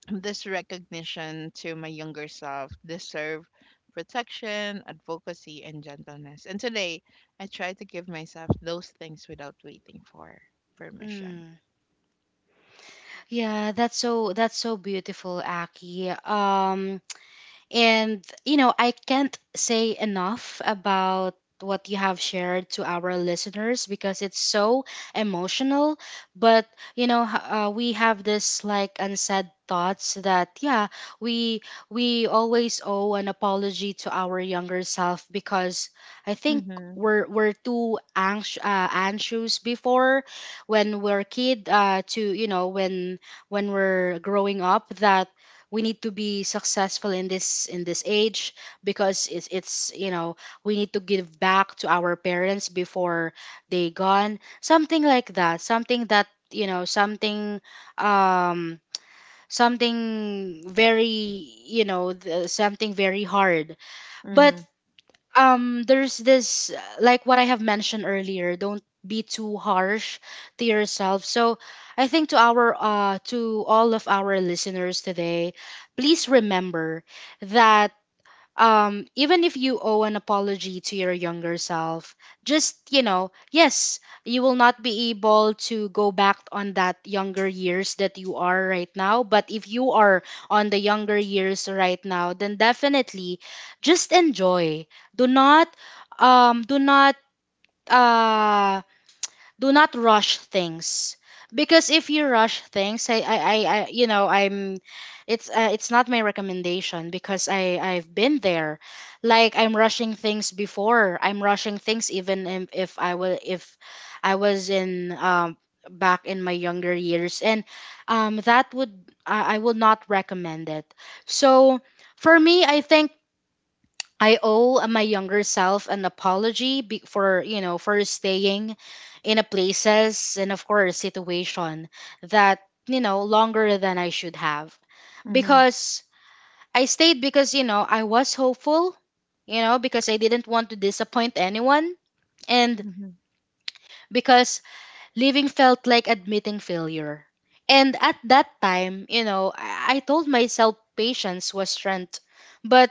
S2: this recognition to my younger self deserve protection, advocacy and gentleness. And today I try to give myself those things without waiting for permission.
S1: Mm. Yeah, that's so, that's so beautiful, Aki. Um, and, you know, I can't say enough about what you have shared to our listeners because it's so emotional. But, you know, h- uh, we have this like unsaid thoughts that yeah, we we always owe an apology to our younger self because I think
S2: Mm-hmm.
S1: we're we're too anx- uh, anxious before, when we're a kid, uh, to, you know, when when we're growing up, that we need to be successful in this, in this age, because it's, it's you know, we need to give back to our parents before they gone, something like that, something that, you know, something, um something very, you know, th- something very hard, but
S2: Mm-hmm.
S1: um there's this, uh, like what I have mentioned earlier, don't be too harsh to yourself. So I think to our, uh to all of our listeners today, please remember that, um even if you owe an apology to your younger self, just, you know, yes, you will not be able to go back on that younger years that you are right now. But if you are on the younger years right now, then definitely just enjoy. Do not, um do not, uh do not rush things. Because if you rush things, i i, I, I you know, I'm, it's, uh, it's not my recommendation because i I've been there. Like, I'm rushing things before, I'm rushing things. Even if, if I will, if I was in, um back in my younger years, and um that would, i, I will not recommend it. So for me, I think I owe my younger self an apology be- for, you know, for staying in a places and of course situation that, you know, longer than I should have.
S2: Mm-hmm.
S1: Because I stayed because, you know, I was hopeful, you know, because I didn't want to disappoint anyone, and
S2: Mm-hmm.
S1: because leaving felt like admitting failure. And at that time, you know, I, I told myself patience was strength. But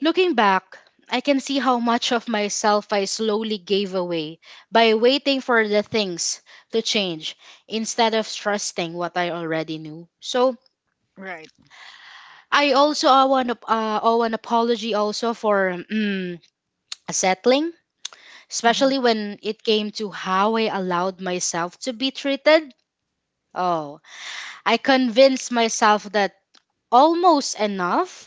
S1: Looking back, I can see how much of myself I slowly gave away by waiting for the things to change instead of trusting what I already knew. So
S2: Right.
S1: I also owe an, ap- uh, owe an apology also for mm, settling,
S2: Mm-hmm.
S1: especially when it came to how I allowed myself to be treated. Oh, I convinced myself that almost enough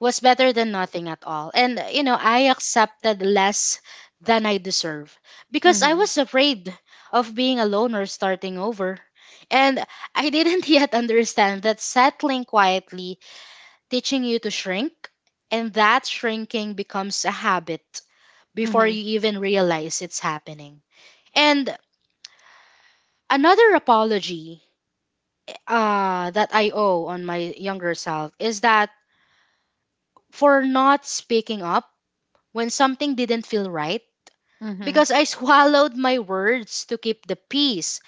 S1: was better than nothing at all. And, you know, I accepted less than I deserve because I
S2: Mm-hmm.
S1: was afraid of being alone or starting over. And I didn't yet understand that settling quietly, teaching you to shrink, and that shrinking becomes a habit before you even realize it's happening. And another apology uh, that I owe on my younger self is that for not speaking up when something didn't feel right
S2: Mhm.
S1: because I swallowed my words to keep the peace,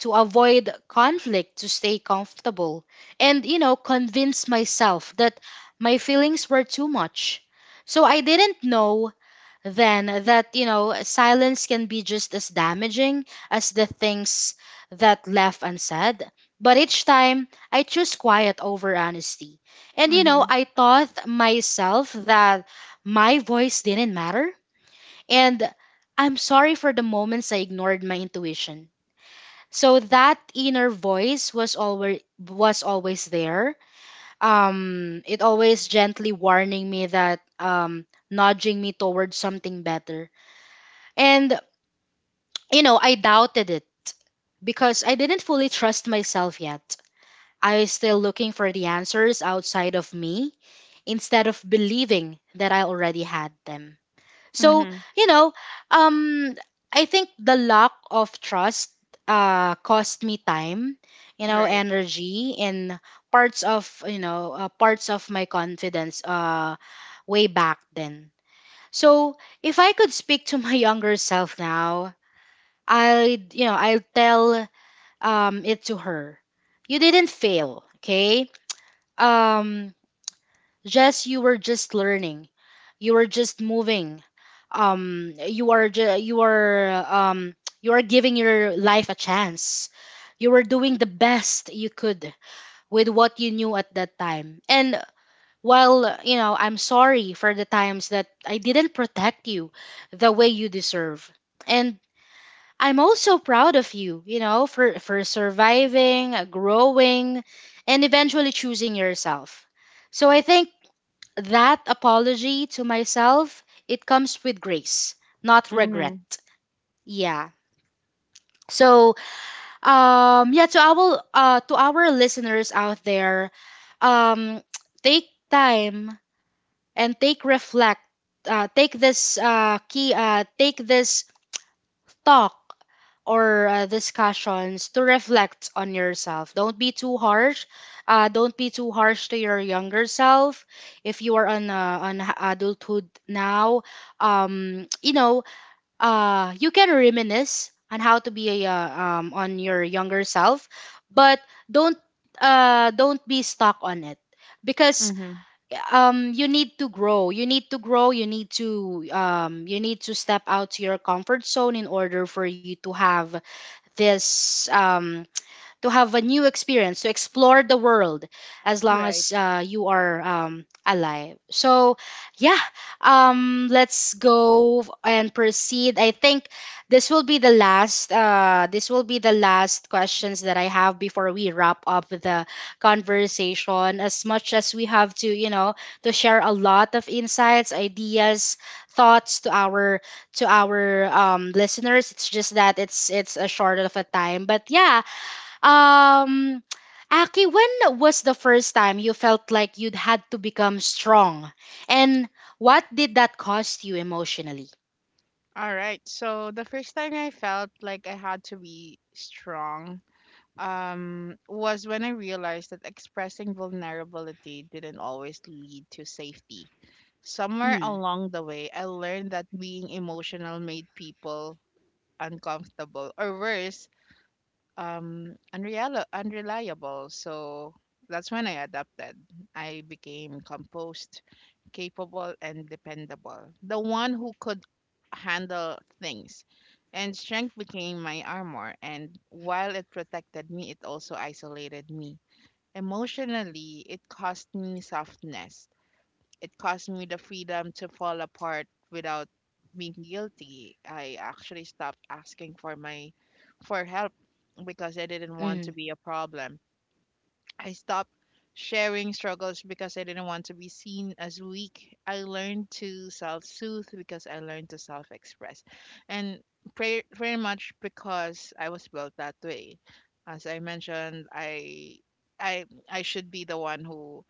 S1: to avoid conflict, to stay comfortable, and, you know, convince myself that my feelings were too much. So I didn't know then that, you know, silence can be just as damaging as the things that left unsaid. But each time I choose quiet over honesty. And, you know,
S2: Mhm.
S1: I taught myself that my voice didn't matter and I'm sorry for the moments I ignored my intuition. So that inner voice was always was always there. Um, it always gently warning me that um, nudging me towards something better. And you know, I doubted it because I didn't fully trust myself yet. I was still looking for the answers outside of me instead of believing that I already had them. So,
S2: Mhm.
S1: you know, um, I think the lack of trust uh, cost me time, you know,
S2: Right.
S1: energy and parts of, you know, uh, parts of my confidence uh, way back then. So, if I could speak to my younger self now, I'd, you know, I'll tell um, it to her. You didn't fail, okay? Um, just you were just learning, you were just moving. Um, you are ju- you are um you are giving your life a chance. You were doing the best you could with what you knew at that time. And while you know, I'm sorry for the times that I didn't protect you the way you deserve. And I'm also proud of you, you know, for for surviving, growing, and eventually choosing yourself. So I think that apology to myself, it comes with grace, not
S2: Mhm.
S1: regret. Yeah. So, um, yeah, to our uh, to our listeners out there, um, take time and take reflect. Uh, take this uh, key. Uh, take this talk or uh, discussions to reflect on yourself. Don't be too harsh. Uh, don't be too harsh to your younger self. If you are on uh, on h- adulthood now, um, you know, uh, you can reminisce on how to be a, uh, um, on your younger self, but don't uh, don't be stuck on it because
S2: Mhm.
S1: um you need to grow you need to grow you need to um you need to step out to your comfort zone in order for you to have this um to have a new experience, to explore the world as long
S2: Right.
S1: as uh, you are um, alive. So, yeah, um, let's go and proceed. I think this will be the last. Uh, this will be the last questions that I have before we wrap up the conversation. As much as we have to, you know, to share a lot of insights, ideas, thoughts to our to our um, listeners. It's just that it's it's a short of a time. But yeah, um, Aki, when was the first time you felt like you'd had to become strong? And what did that cost you emotionally?
S2: All right. So the first time I felt like I had to be strong um was when I realized that expressing vulnerability didn't always lead to safety. Somewhere
S1: Mm,
S2: along the way, I learned that being emotional made people uncomfortable or worse, um unreal unreliable. So that's when I adapted. I became composed, capable and dependable, the one who could handle things, and strength became my armor. And while it protected me, it also isolated me emotionally. It cost me softness, it cost me the freedom to fall apart without being guilty. I actually stopped asking for my for help because I didn't want to
S1: mm,
S2: be a problem. I stopped sharing struggles because I didn't want to be seen as weak. I learned to self soothe because I learned to self express. And pre- pretty much because I was built that way. As I mentioned, I. I I should be the one who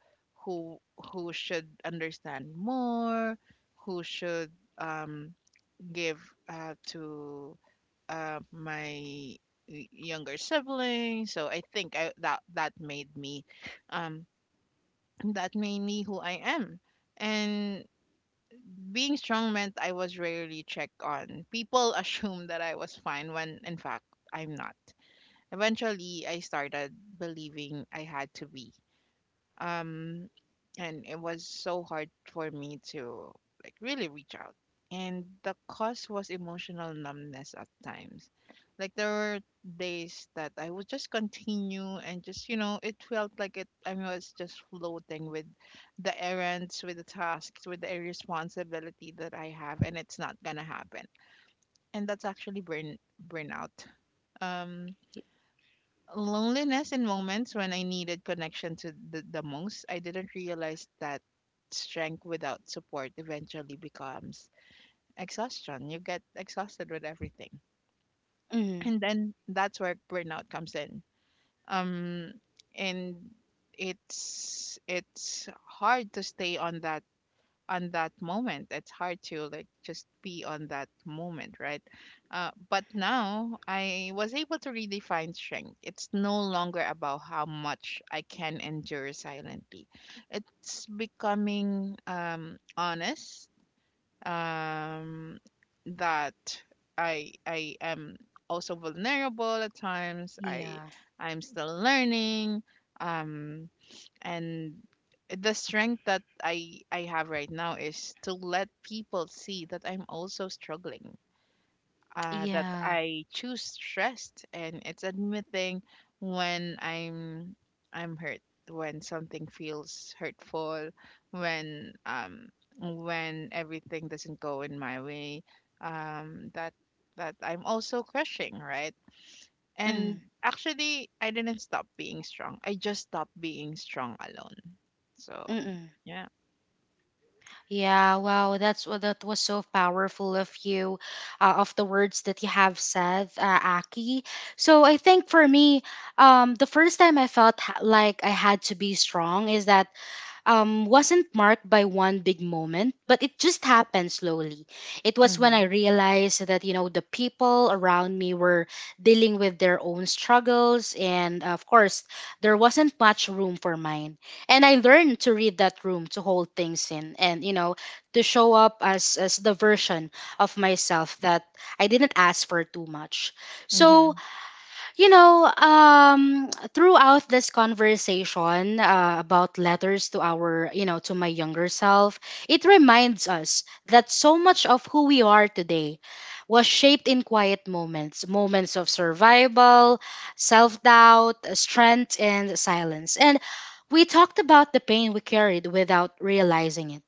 S2: who who should understand more, who should, um give, uh, to, uh, my y- younger sibling. So I think I, that that made me, um, that made me who I am. And being strong meant I was rarely checked on. People assumed that I was fine when, in fact, I'm not. Eventually, I started believing I had to be, um and it was so hard for me to like really reach out. And the cause was emotional numbness at times. Like there were days that I would just continue and just, you know, it felt like it I was just floating with the errands, with the tasks, with the responsibility that I have, and it's not gonna happen, and that's actually burn burnout. Um, loneliness in moments when I needed connection to the, the most, I didn't realize that strength without support eventually becomes exhaustion. You get exhausted with everything.
S1: mm.
S2: And then that's where burnout comes in. Um, and it's it's hard to stay on that, on that moment. It's hard to like just be on that moment, right? Uh, but now I was able to really find strength. It's no longer about how much I can endure silently, it's becoming, um, honest, um, that i i am also vulnerable at times. i
S1: Yeah,
S2: I'm still learning, um, and the strength that i i have right now is to let people see that I'm also struggling, uh, that
S1: yeah.
S2: I choose stressed. And it's admitting when i'm I'm hurt, when something feels hurtful, when um, when everything doesn't go in my way, um, that, that I'm also crushing, right? And
S1: Mm,
S2: actually, I didn't stop being strong, I just stopped being strong alone. So
S1: mm-mm.
S2: yeah.
S1: Yeah, wow, that's wa- that was so powerful of you, uh, of the words that you have said, uh, Aki. So I think for me, um, the first time I felt ha- like I had to be strong is that um, wasn't marked by one big moment, but it just happened slowly. It was when I
S2: Mhm.
S1: realized that, you know, the people around me were dealing with their own struggles. And uh, of course, there wasn't much room for mine. And I learned to read that room, to hold things in, and, you know, to show up as, as the version of myself that I didn't ask for too much. So,
S2: Mhm.
S1: you know, um, throughout this conversation uh, about letters to our, you know, to my younger self, it reminds us that so much of who we are today was shaped in quiet moments, moments of survival, self doubt, strength, and silence. And we talked about the pain we carried without realizing it.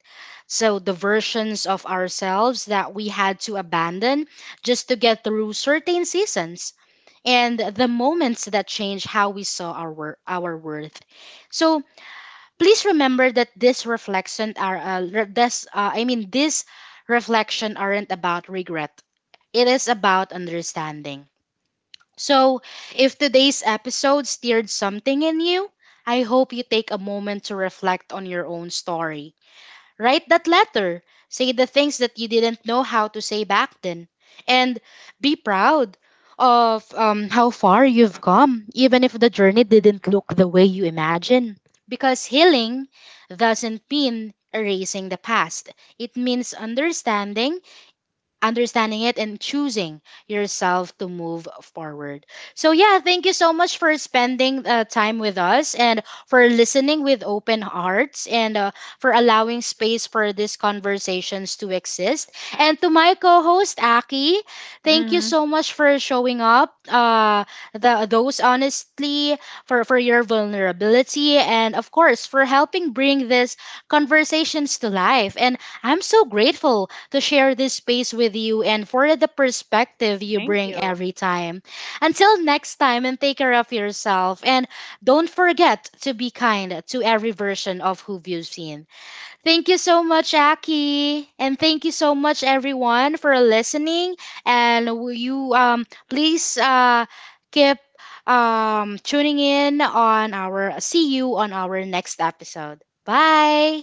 S1: So, the versions of ourselves that we had to abandon just to get through certain seasons and the moments that change how we saw our wor- our worth. So please remember that this reflection are uh, re- this uh, I mean this reflection aren't about regret. It is about understanding. So if today's episode stirred something in you, I hope you take a moment to reflect on your own story. Write that letter. Say the things that you didn't know how to say back then. And be proud of um, how far you've come, even if the journey didn't look the way you imagined. Because healing doesn't mean erasing the past, it means understanding understanding it and choosing yourself to move forward. So, yeah, thank you so much for spending uh, time with us and for listening with open hearts and uh, for allowing space for these conversations to exist. And to my co host, Aki, thank you
S2: Mhm.
S1: so much for showing up, uh, the, those honestly, for, for your vulnerability, and of course, for helping bring these conversations to life. And I'm so grateful to share this space with you and for the perspective you
S2: Thank
S1: bring
S2: you.
S1: every time. Until next time, and take care of yourself. And don't forget to be kind to every version of who you've seen. Thank you so much, Aki. And thank you so much, everyone, for listening. And will you um, please uh, keep um, tuning in on our, see you on our next episode. Bye.